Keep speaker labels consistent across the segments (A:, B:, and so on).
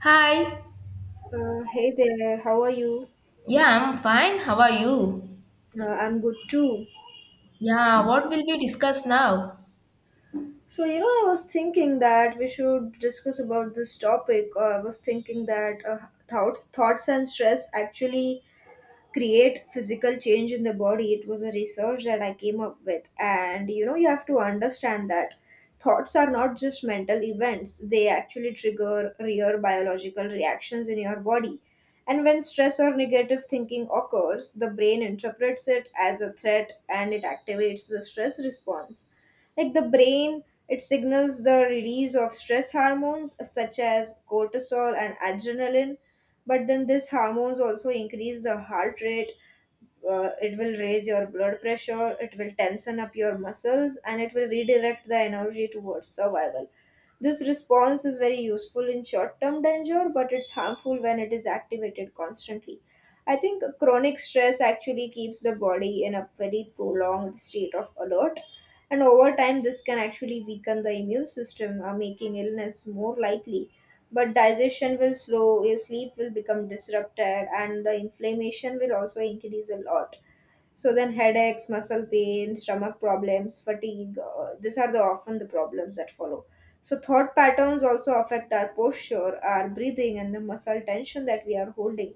A: Hi.
B: Hey there, how are you?
A: Yeah, I'm fine. How are you?
B: I'm good too.
A: Yeah, what will we discuss now?
B: So, you know, I was thinking that we should discuss about this topic. I was thinking that thoughts and stress actually create physical change in the body. It was a research that I came up with, and you know, you have to understand that thoughts are not just mental events, they actually trigger real biological reactions in your body. And when stress or negative thinking occurs, the brain interprets it as a threat and it activates the stress response, like the brain, it signals the release of stress hormones such as cortisol and adrenaline. But then these hormones also increase the heart rate. It will raise your blood pressure, it will tension up your muscles, and it will redirect the energy towards survival. This response is very useful in short term danger, but it's harmful when it is activated constantly. I think chronic stress actually keeps the body in a very prolonged state of alert, and over time this can actually weaken the immune system, making illness more likely. But digestion will slow, your sleep will become disrupted, and the inflammation will also increase a lot. So then headaches, muscle pain, stomach problems, fatigue, these are the often the problems that follow. So thought patterns also affect our posture, our breathing, and the muscle tension that we are holding.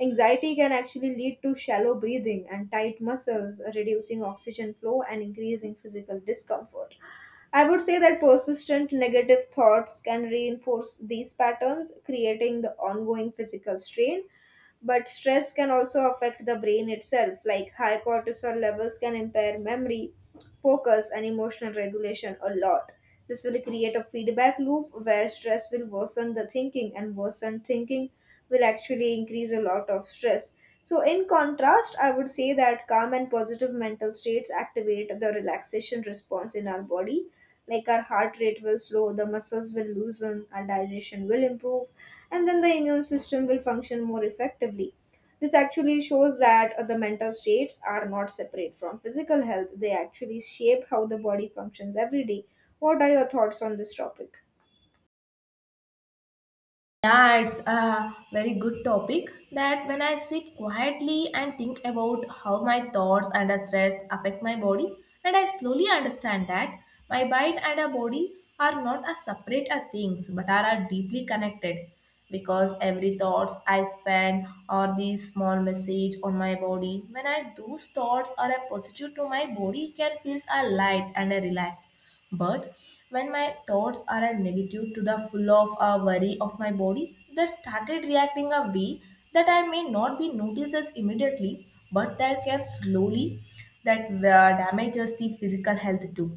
B: Anxiety can actually lead to shallow breathing and tight muscles, reducing oxygen flow and increasing physical discomfort. I would say that persistent negative thoughts can reinforce these patterns, creating the ongoing physical strain. But stress can also affect the brain itself, like high cortisol levels can impair memory, focus, and emotional regulation a lot. This will create a feedback loop where stress will worsen the thinking, and worsened thinking will actually increase a lot of stress. So, in contrast, I would say that calm and positive mental states activate the relaxation response in our body. Like our heart rate will slow, the muscles will loosen, our digestion will improve, and then the immune system will function more effectively. This actually shows that the mental states are not separate from physical health, they actually shape how the body functions every day. What are your thoughts on this topic?
A: That's a very good topic. That when I sit quietly and think about how my thoughts and stress affect my body, and I slowly understand that my mind and a body are not a separate a things but are a deeply connected, because every thoughts I spend or the small message on my body, when I those thoughts are a positive to my body can feels a light and a relaxed. But when my thoughts are a negative to the full of a worry of my body, that started reacting a way that I may not be noticed as immediately, but that can slowly that damages the physical health too.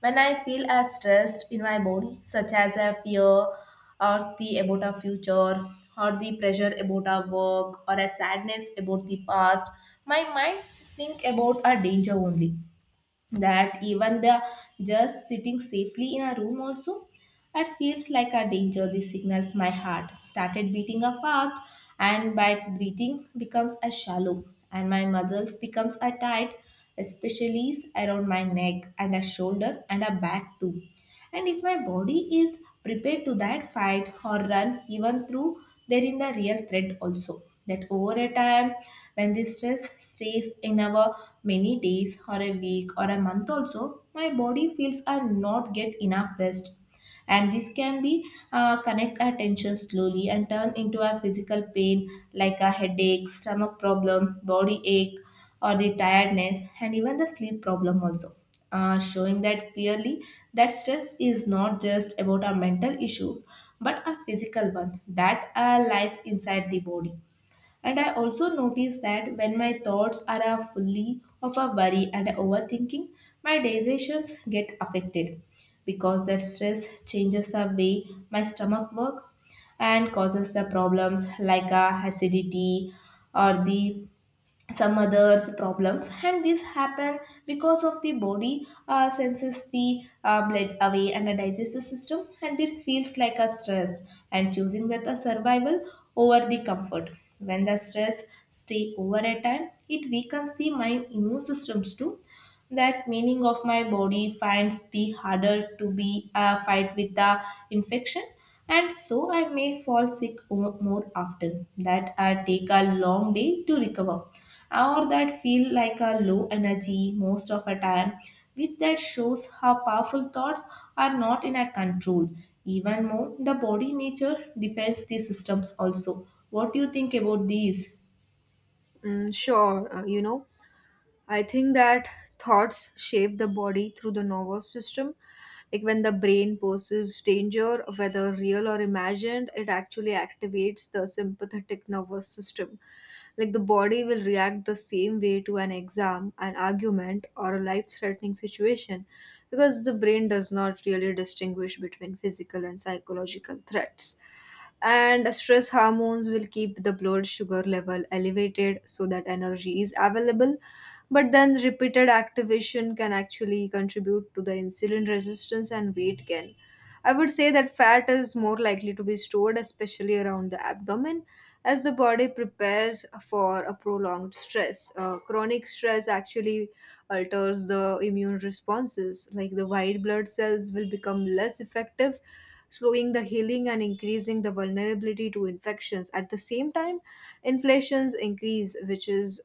A: When I feel as stressed in my body, such as a fear or the about a future or the pressure about our work or a sadness about the past, my mind think about a danger only, that even the just sitting safely in a room also it feels like a danger. The signals my heart started beating up fast, and by breathing becomes a shallow, and my muscles becomes a tight, especially around my neck and a shoulder and a back too. And if my body is prepared to that fight or run even through there in the real threat also, that over a time, when this stress stays in our many days or a week or a month also, my body feels are not get enough rest, and this can be connect our tension slowly and turn into a physical pain, like a headache, stomach problem, body ache, or the tiredness, and even the sleep problem also, showing that clearly that stress is not just about our mental issues, but a physical one that lives inside the body. And I also notice that when my thoughts are fully of a worry and overthinking, my decisions get affected, because the stress changes the way my stomach work and causes the problems like acidity or the some others problems, and this happen because of the body senses the blood away and the digestive system, and this feels like a stress and choosing that a survival over the comfort. When the stress stay over a time, it weakens the mind immune systems too, that meaning of my body finds the harder to be a fight with the infection, and so I may fall sick more often. That I take a long day to recover, or that feel like a low energy most of a time, which that shows how powerful thoughts are not in our control. Even more, the body nature defends the systems also. What do you think about these?
B: Mm, sure, I think that thoughts shape the body through the nervous system. Like when the brain perceives danger, whether real or imagined, it actually activates the sympathetic nervous system. Like the body will react the same way to an exam, an argument, or a life threatening situation, because the brain does not really distinguish between physical and psychological threats. And stress hormones will keep the blood sugar level elevated so that energy is available, but then repeated activation can actually contribute to the insulin resistance and weight gain. I would say that fat is more likely to be stored, especially around the abdomen, as the body prepares for a prolonged stress. Chronic stress actually alters the immune responses, like the white blood cells will become less effective, slowing the healing and increasing the vulnerability to infections. At the same time, inflations increase, which is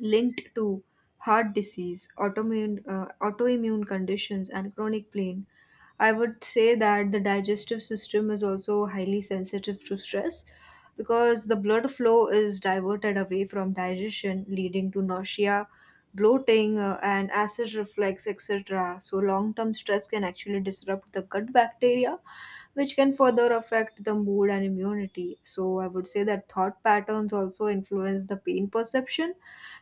B: linked to heart disease, autoimmune conditions, and chronic pain. I would say that the digestive system is also highly sensitive to stress because the blood flow is diverted away from digestion, leading to nausea, bloating, and acid reflux, etc. So, long term stress can actually disrupt the gut bacteria, which can further affect the mood and immunity. So, I would say that thought patterns also influence the pain perception,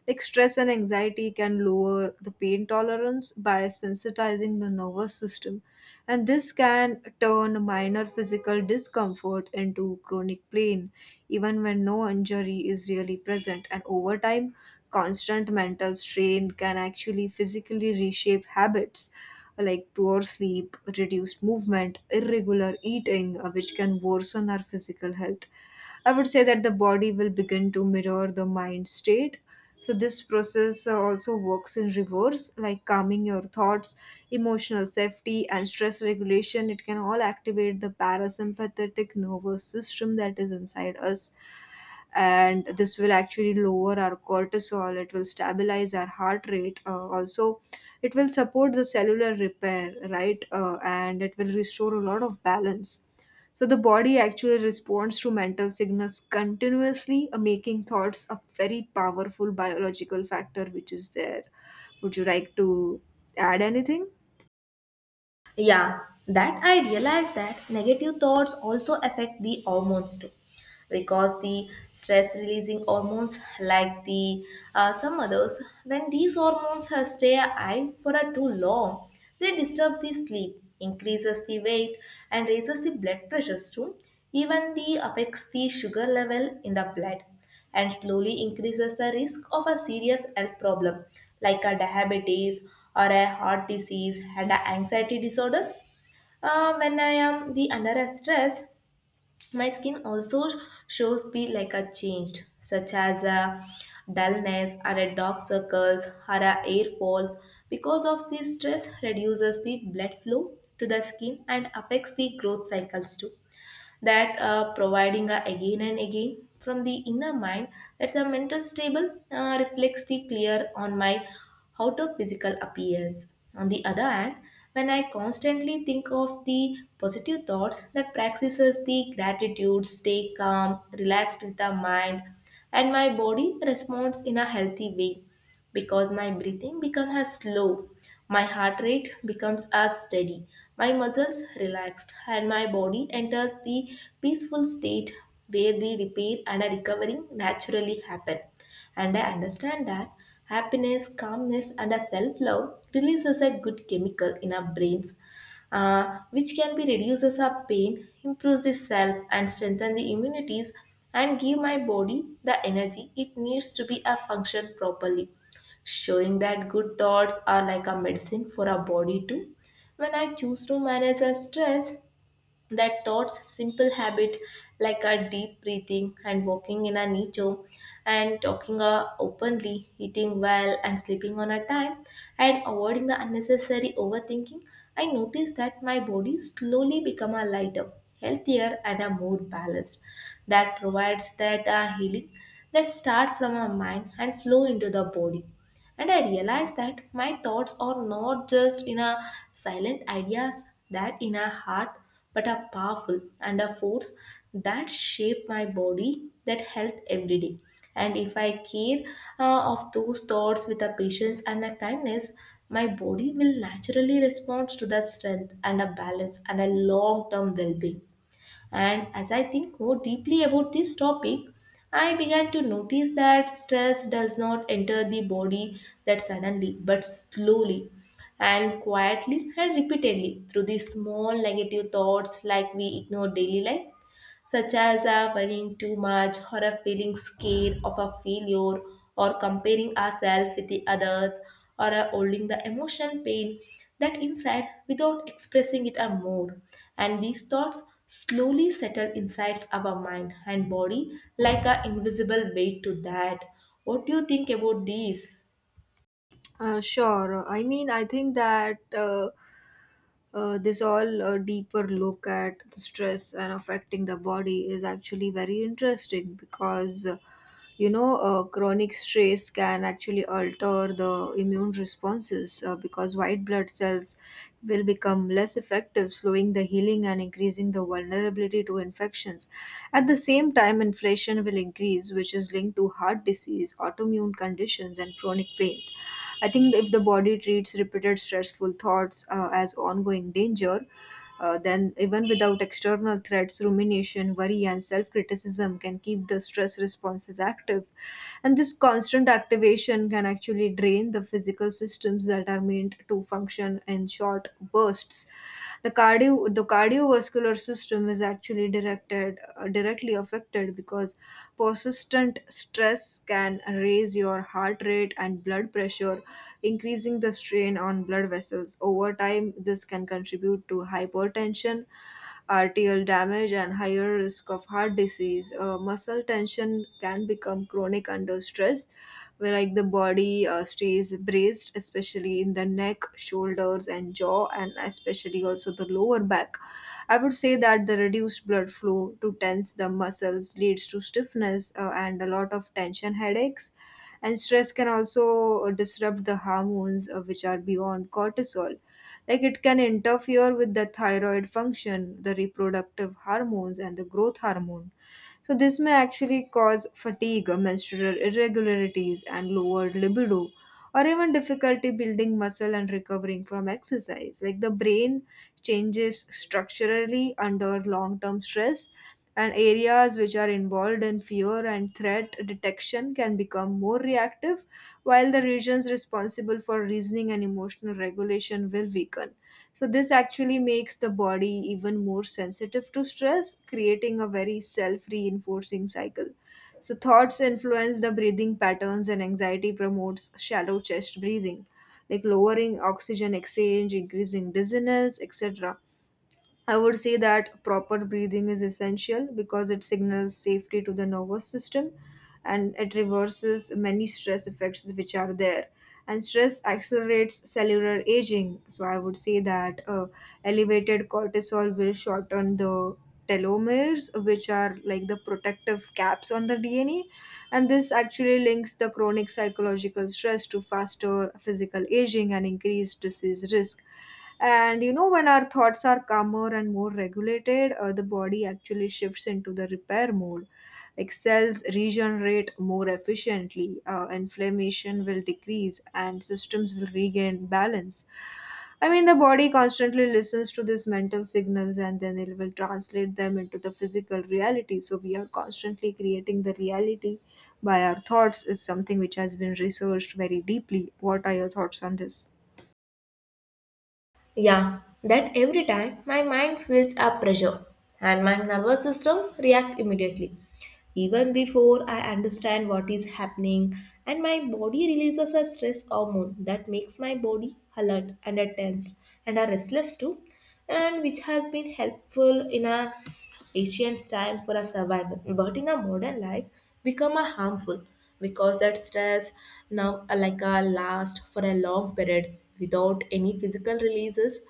B: like stress and anxiety can lower the pain tolerance by sensitizing the nervous system, and this can turn minor physical discomfort into chronic pain, even when no injury is really present. And over time, constant mental strain can actually physically reshape habits like poor sleep, reduced movement, irregular eating, which can worsen our physical health. I would say that the body will begin to mirror the mind state, so, this process also works in reverse, like calming your thoughts, emotional safety, and stress regulation. It can all activate the parasympathetic nervous system that is inside us, and this will actually lower our cortisol, it will stabilize our heart rate, also it will support the cellular repair, right, and it will restore a lot of balance. So the body actually responds to mental signals continuously, making thoughts a very powerful biological factor which is there. Would you like to add anything?
A: Yeah, that I realized that negative thoughts also affect the hormones too, because the stress releasing hormones, like the some others, when these hormones stay high for a too long, they disturb the sleep, increases the weight, and raises the blood pressures too. Even the affects the sugar level in the blood, and slowly increases the risk of a serious health problem like a diabetes or a heart disease and a anxiety disorders. When I am the under a stress, my skin also shows me like a changed, such as a dullness or a dark circles or a air falls. Because of this stress reduces the blood flow to the skin and affects the growth cycles too, that providing again and again from the inner mind that the mental stable reflects the clear on my outer physical appearance. On the other hand, when I constantly think of the positive thoughts that practices the gratitude, stay calm, relaxed with the mind, and my body responds in a healthy way, because my breathing becomes as slow, my heart rate becomes as steady, my muscles relaxed, and my body enters the peaceful state where the repair and recovering naturally happen. And I understand that happiness, calmness, and self love releases a good chemical in our brains, which can be reduces our pain, improves the self, and strengthen the immunities, and give my body the energy it needs to be a function properly, showing that good thoughts are like a medicine for our body too. When I choose to manage a stress, that thoughts simple habit like a deep breathing and walking in a nature and talking openly, eating well and sleeping on a time and avoiding the unnecessary overthinking, I notice that my body slowly become a lighter, healthier and a more balanced, that provides that healing that start from our mind and flow into the body. And I realized that my thoughts are not just in a silent ideas that in a heart, but are powerful and a force that shape my body, that health every day. And if I care of those thoughts with a patience and a kindness, my body will naturally respond to the strength and a balance and a long-term well-being. And as I think more deeply about this topic, I began to notice that stress does not enter the body that suddenly, but slowly and quietly and repeatedly through these small negative thoughts like we ignore daily life, such as worrying too much or a feeling scared of a failure or comparing ourselves with the others or holding the emotion pain that inside without expressing it or more, and these thoughts slowly settle inside our mind and body like an invisible weight to that. What do you think about these?
B: Sure. I mean, I think that this all deeper look at the stress and affecting the body is actually very interesting because, you know, chronic stress can actually alter the immune responses, because white blood cells will become less effective, slowing the healing and increasing the vulnerability to infections. At the same time, inflation will increase, which is linked to heart disease, autoimmune conditions, and chronic pains. I think if the body treats repeated stressful thoughts as ongoing danger, then even without external threats, rumination, worry, and self criticism can keep the stress responses active. And this constant activation can actually drain the physical systems that are meant to function in short bursts. The cardiovascular system is actually directly affected because persistent stress can raise your heart rate and blood pressure, increasing the strain on blood vessels. Over time, this can contribute to hypertension, arterial damage, and higher risk of heart disease. Muscle tension can become chronic under stress, where like the body stays braced, especially in the neck, shoulders, and jaw, and especially also the lower back. I would say that the reduced blood flow to tense the muscles leads to stiffness, and a lot of tension headaches. And stress can also disrupt the hormones, which are beyond cortisol, like it can interfere with the thyroid function, the reproductive hormones, and the growth hormone. So, this may actually cause fatigue, menstrual irregularities, and lowered libido, or even difficulty building muscle and recovering from exercise. Like the brain changes structurally under long term stress, and areas which are involved in fear and threat detection can become more reactive, while the regions responsible for reasoning and emotional regulation will weaken. So, this actually makes the body even more sensitive to stress, creating a very self reinforcing cycle. So, thoughts influence the breathing patterns, and anxiety promotes shallow chest breathing, like lowering oxygen exchange, increasing dizziness, etc. I would say that proper breathing is essential because it signals safety to the nervous system and it reverses many stress effects which are there. And stress accelerates cellular aging. So I would say that elevated cortisol will shorten the telomeres, which are like the protective caps on the DNA. And this actually links the chronic psychological stress to faster physical aging and increased disease risk. And you know, when our thoughts are calmer and more regulated, the body actually shifts into the repair mode. Like cells regenerate more efficiently, inflammation will decrease, and systems will regain balance. I mean, the body constantly listens to these mental signals and then it will translate them into the physical reality. So, we are constantly creating the reality by our thoughts, is something which has been researched very deeply. What are your thoughts on this?
A: Yeah, that every time my mind feels a pressure and my nervous system react immediately. Even before I understand what is happening, and my body releases a stress hormone that makes my body alert and a tense and a restless too, and which has been helpful in a Ancient time for a survival, but in a modern life become a harmful, because that stress now like a last for a long period without any physical releases.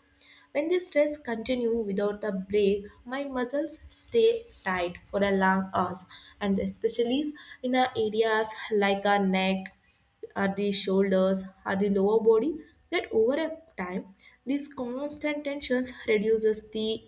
A: When the stress continue without a break, my muscles stay tight for a long hours, and especially in our areas like our neck, are the shoulders, are the lower body. That over a time, these constant tensions reduces the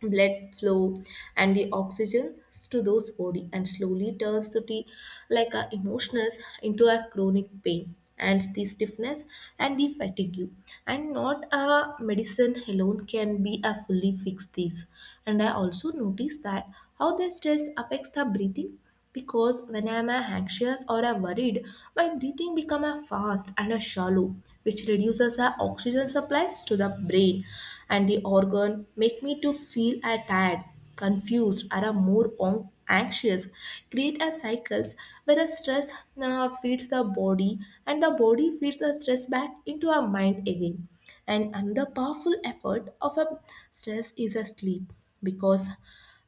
A: blood flow and the oxygen to those body, and slowly turns to the like a emotionals into a chronic pain and the stiffness and the fatigue, and not a medicine alone can be a fully fix these. And I also noticed that how the stress affects the breathing, because when I am anxious or I'm worried, my breathing become a fast and a shallow, which reduces our oxygen supplies to the brain and the organ, make me to feel a tired, confused, or a more anxious. Create a cycles where the stress feeds the body and the body feeds the stress back into our mind again. And another powerful effort of a stress is a sleep, because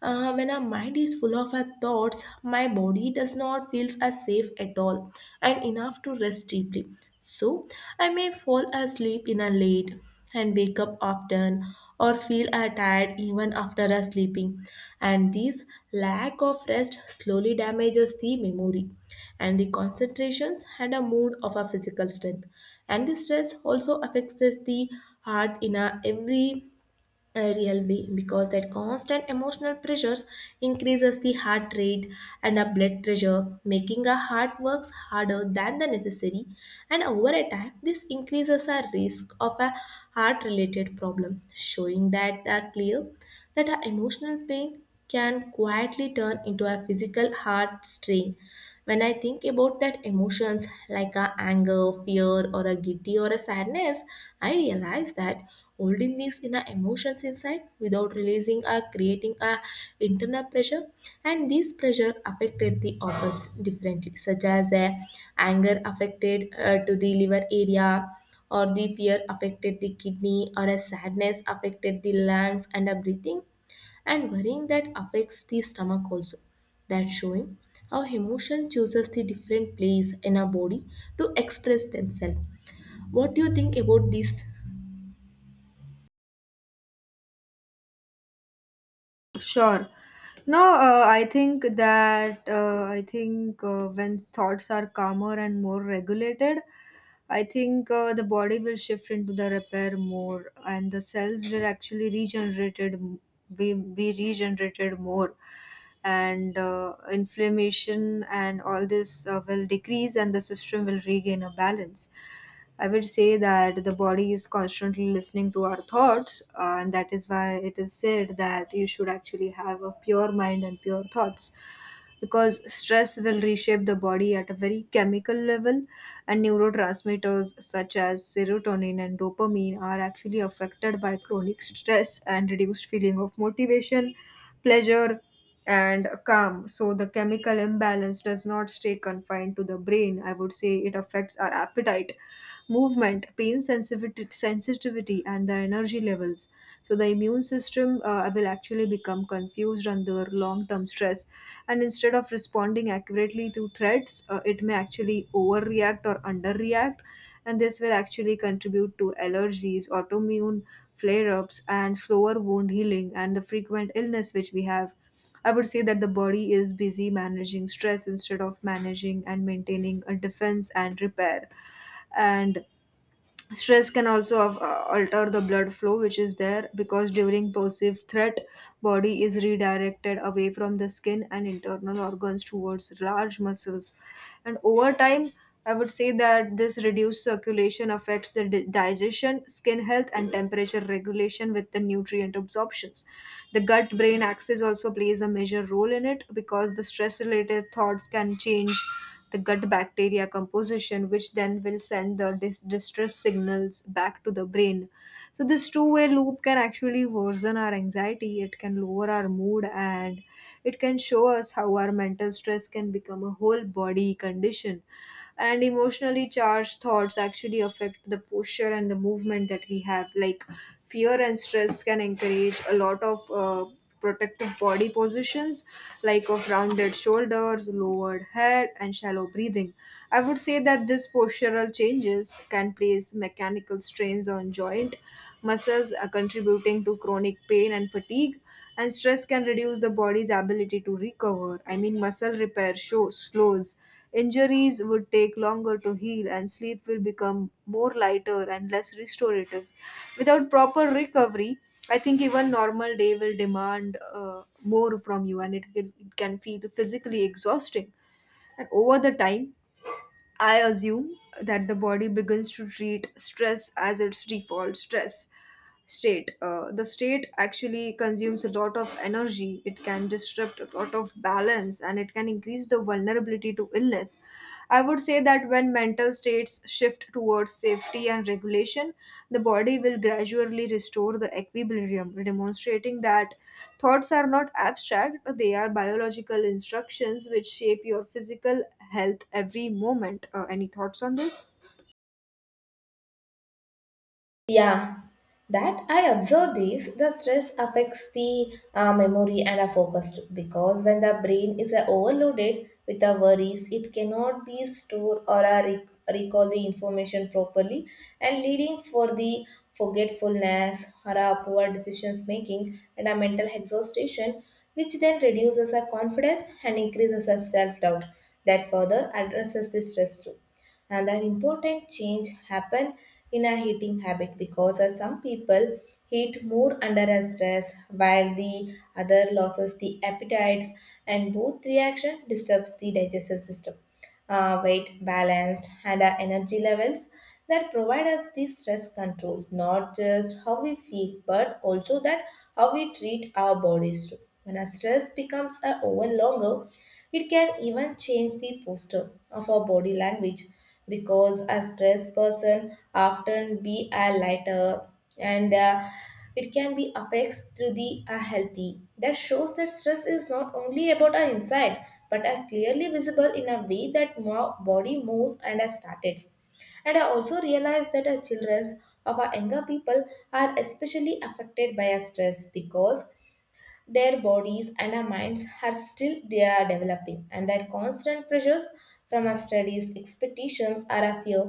A: when our mind is full of our thoughts, my body does not feel as safe at all and enough to rest deeply. So I may fall asleep in a late and wake up often or feel tired even after a sleeping. And this lack of rest slowly damages the memory and the concentrations and a mood of our physical strength. And the stress also affects us the heart in a every a real being, because that constant emotional pressures increases the heart rate and a blood pressure, making our heart works harder than the necessary, and over a time this increases our risk of a heart related problem, showing that are clear that our emotional pain can quietly turn into a physical heart strain. When I think about that emotions like a anger, fear, or a giddy or a sadness, I realize that holding these inner emotions inside without releasing are creating a internal pressure, and this pressure affected the organs differently, such as anger affected to the liver area or the fear affected the kidney or a sadness affected the lungs and a breathing and worrying that affects the stomach also. That's showing how emotion chooses the different place in our body to express themselves. What do you think about this?
B: Sure. No, I think that I think when thoughts are calmer and more regulated, I think the body will shift into the repair more, and the cells will actually be regenerated more, and inflammation and all this will decrease, and the system will regain a balance. I would say that the body is constantly listening to our thoughts, and that is why it is said that you should actually have a pure mind and pure thoughts. Because stress will reshape the body at a very chemical level, and neurotransmitters such as serotonin and dopamine are actually affected by chronic stress and reduced feeling of motivation, pleasure, and calm. So the chemical imbalance does not stay confined to the brain. I would say it affects our appetite, movement, pain sensitivity, and the energy levels. So the immune system will actually become confused under long-term stress, and instead of responding accurately to threats, it may actually overreact or underreact, and this will actually contribute to allergies, autoimmune flare-ups, and slower wound healing, and the frequent illness which we have. I would say that the body is busy managing stress instead of managing and maintaining a defense and repair. And stress can also alter the blood flow, which is there, because during perceived threat, body is redirected away from the skin and internal organs towards large muscles. And over time, I would say that this reduced circulation affects the digestion, skin health, and temperature regulation with the nutrient absorptions. The gut brain axis also plays a major role in it because the stress related thoughts can change the gut bacteria composition, which then will send the distress signals back to the brain. So, this two-way loop can actually worsen our anxiety, it can lower our mood, and it can show us how our mental stress can become a whole body condition, and emotionally charged thoughts actually affect the posture and the movement that we have. Like, fear and stress can encourage a lot of protective body positions, like of rounded shoulders, lowered head, and shallow breathing. I would say that this postural changes can place mechanical strains on joint muscles, are contributing to chronic pain and fatigue. And stress can reduce the body's ability to recover. I mean, muscle repair shows slows, injuries would take longer to heal, and sleep will become more lighter and less restorative. Without proper recovery, I think even normal day will demand more from you, and it can feel physically exhausting. And over the time, I assume that the body begins to treat stress as its default stress state. The state actually consumes a lot of energy, it can disrupt a lot of balance, and it can increase the vulnerability to illness. I would say that when mental states shift towards safety and regulation, the body will gradually restore the equilibrium, demonstrating that thoughts are not abstract, they are biological instructions which shape your physical health every moment. Any thoughts on this?
A: Yeah, that I observe this. The stress affects the memory and our focus too, because when the brain is overloaded with the worries, it cannot be stored or recall the information properly, and leading for the forgetfulness or poor decisions making and a mental exhaustion, which then reduces our confidence and increases our self doubt. That further addresses the stress too, and an important change happen in a eating habit because some people eat more under a stress while the other loses the appetites, and both reaction disturbs the digestive system, weight balanced and our energy levels that provide us the stress control, not just how we feel but also that how we treat our bodies too. When our stress becomes a over longer, it can even change the posture of our body language because a stressed person often be a lighter and it can be affects through the healthy. That shows that stress is not only about our inside but are clearly visible in a way that more body moves and are started. And I also realized that our children of our younger people are especially affected by our stress because their bodies and our minds are still they are developing, and that constant pressures from our studies expectations or our fear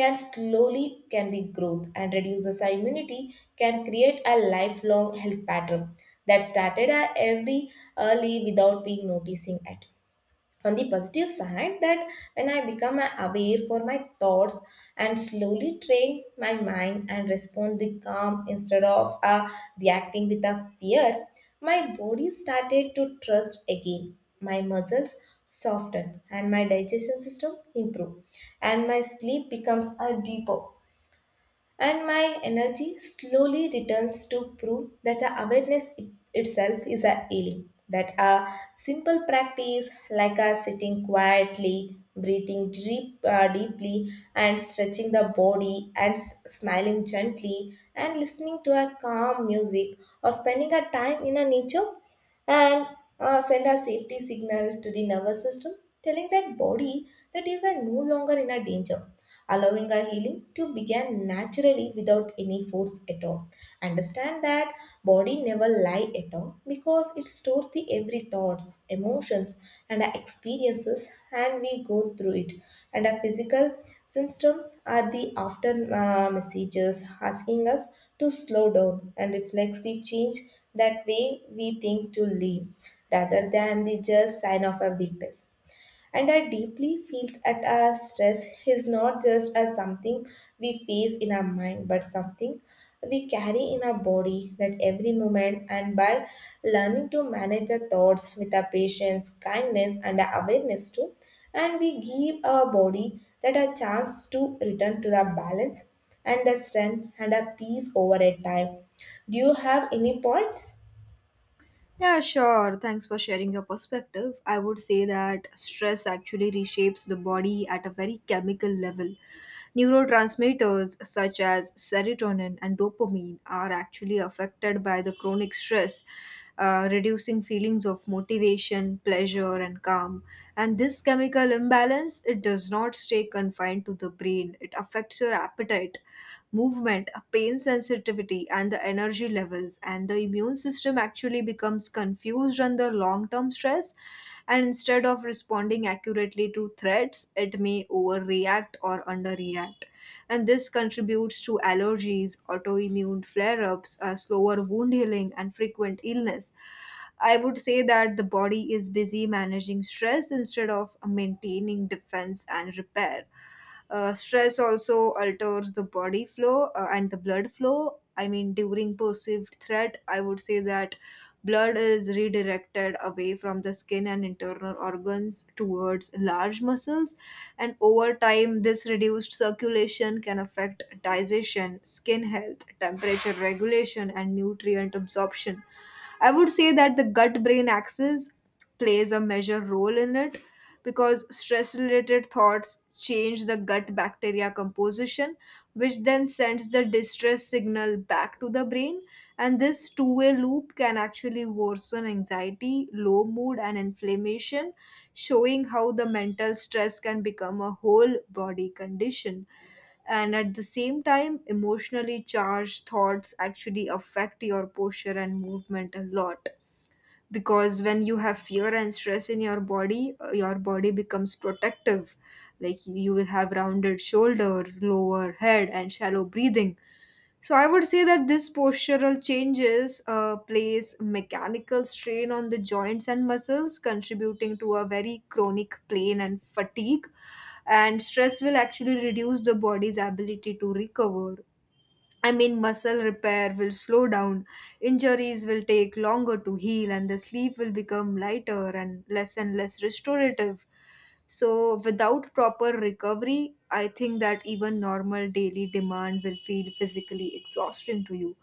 A: can slowly can be growth and reduces our immunity, can create a lifelong health pattern that started our every early without being noticing it. On the positive side, that when I become aware for my thoughts and slowly train my mind and respond the calm instead of reacting with a fear, my body started to trust again, my muscles soften and my digestion system improve, and my sleep becomes a deeper and my energy slowly returns, to prove that our awareness itself is a healing. That a simple practice like a sitting quietly, breathing deeply, and stretching the body, and smiling gently, and listening to a calm music or spending a time in a nature, and send a safety signal to the nervous system, telling that body that is are no longer in a danger, allowing a healing to begin naturally without any force at all. Understand that body never lie at all, because it stores the every thoughts, emotions, and our experiences and we go through it. And our physical symptom are the after messages asking us to slow down and reflects the change that way we think to live, rather than the just sign of a weakness. And I deeply feel that our stress is not just as something we face in our mind but something we carry in our body that every moment. And by learning to manage the thoughts with our patience, kindness, and our awareness too, and we give our body that a chance to return to the balance and the strength and a peace over a time. Do you have any points?
B: Yeah, sure. Thanks for sharing your perspective. I would say that stress actually reshapes the body at a very chemical level. Neurotransmitters such as serotonin and dopamine are actually affected by the chronic stress, reducing feelings of motivation, pleasure, and calm. And this chemical imbalance, it does not stay confined to the brain. It affects your appetite, movement, pain sensitivity, and the energy levels. And the immune system actually becomes confused under long term stress. And instead of responding accurately to threats, it may overreact or underreact, and this contributes to allergies, autoimmune flare ups, slower wound healing, and frequent illness. I would say that the body is busy managing stress instead of maintaining defense and repair. Stress also alters the body flow and the blood flow. I mean, during perceived threat, I would say that blood is redirected away from the skin and internal organs towards large muscles, and over time this reduced circulation can affect digestion, skin health, temperature regulation, and nutrient absorption. I would say that the gut brain axis plays a major role in it because stress related thoughts change the gut bacteria composition, which then sends the distress signal back to the brain, and this two-way loop can actually worsen anxiety, low mood, and inflammation, showing how the mental stress can become a whole body condition. And at the same time, emotionally charged thoughts actually affect your posture and movement a lot. Because when you have fear and stress in your body becomes protective. Like, you will have rounded shoulders, lower head, and shallow breathing. So I would say that this postural changes place mechanical strain on the joints and muscles, contributing to a very chronic pain and fatigue. And stress will actually reduce the body's ability to recover. I mean, muscle repair will slow down, injuries will take longer to heal, and the sleep will become lighter and less restorative. So, without proper recovery, I think that even normal daily demand will feel physically exhausting to you,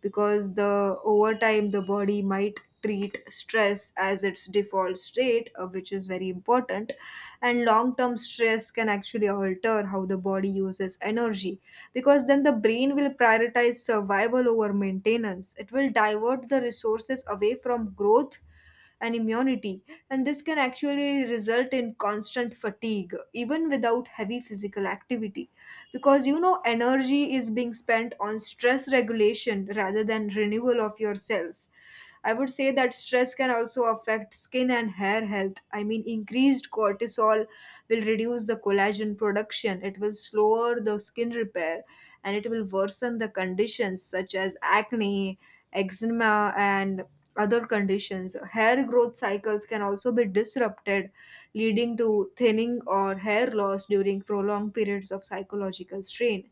B: because the over time the body might treat stress as its default state, which is very important. And long term stress can actually alter how the body uses energy, because then the brain will prioritize survival over maintenance. It will divert the resources away from growth and immunity, and this can actually result in constant fatigue even without heavy physical activity, because you know energy is being spent on stress regulation rather than renewal of your cells. I would say that stress can also affect skin and hair health. I mean, increased cortisol will reduce the collagen production, it will slower the skin repair, and it will worsen the conditions such as acne, eczema, and other conditions. Hair growth cycles can also be disrupted, leading to thinning or hair loss during prolonged periods of psychological strain.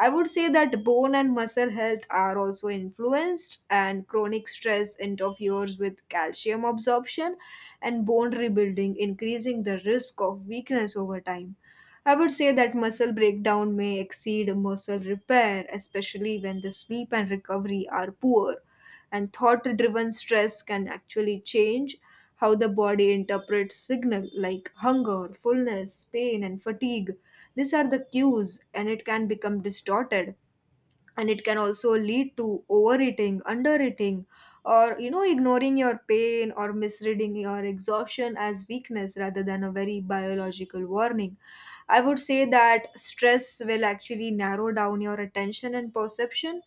B: I would say that bone and muscle health are also influenced, and chronic stress interferes with calcium absorption and bone rebuilding, increasing the risk of weakness over time. I would say that muscle breakdown may exceed muscle repair, especially when the sleep and recovery are poor, and thought driven stress can actually change how the body interprets signal like hunger, fullness, pain, and fatigue. These are the cues, and it can become distorted, and it can also lead to overeating, undereating, or you know, ignoring your pain, or misreading your exhaustion as weakness rather than a very biological warning. I would say that stress will actually narrow down your attention and perception.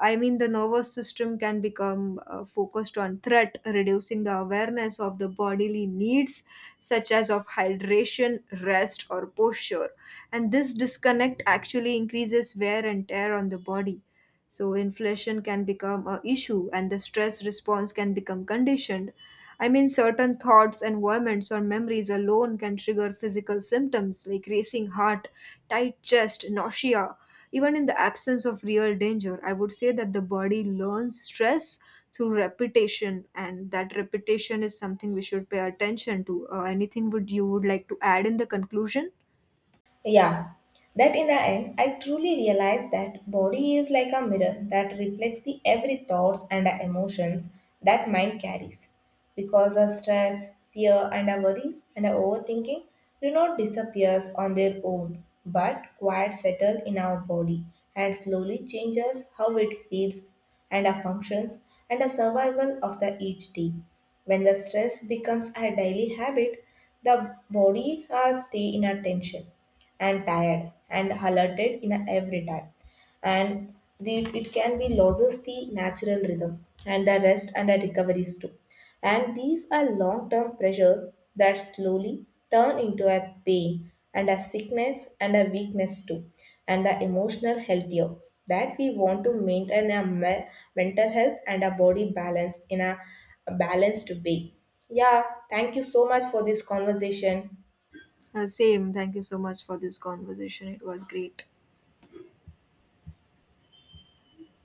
B: I mean, the nervous system can become focused on threat, reducing the awareness of the bodily needs, such as of hydration, rest, or posture. And this disconnect actually increases wear and tear on the body. So, inflation can become a issue, and the stress response can become conditioned. I mean, certain thoughts, environments, or memories alone can trigger physical symptoms like racing heart, tight chest, nausea, even in the absence of real danger. I would say that the body learns stress through repetition, and that repetition is something we should pay attention to. Anything would you would like to add in the conclusion?
A: Yeah, that in the end, I truly realized that body is like a mirror that reflects the every thoughts and emotions that mind carries. Because our stress, fear, and our worries and our overthinking do not disappear on their own, but quiet settle in our body and slowly changes how it feels and our functions and the survival of the each day. When the stress becomes a daily habit, the body stay in a tension and tired and alerted in every time. And the, it can be loses the natural rhythm and the rest and the recoveries too. And these are long-term pressure that slowly turn into a pain and a sickness and a weakness too, and the emotional healthier that we want to maintain a mental health and a body balance in a balanced way. Yeah, thank you so much for this conversation.
B: Same. Thank you so much for this conversation. It was great.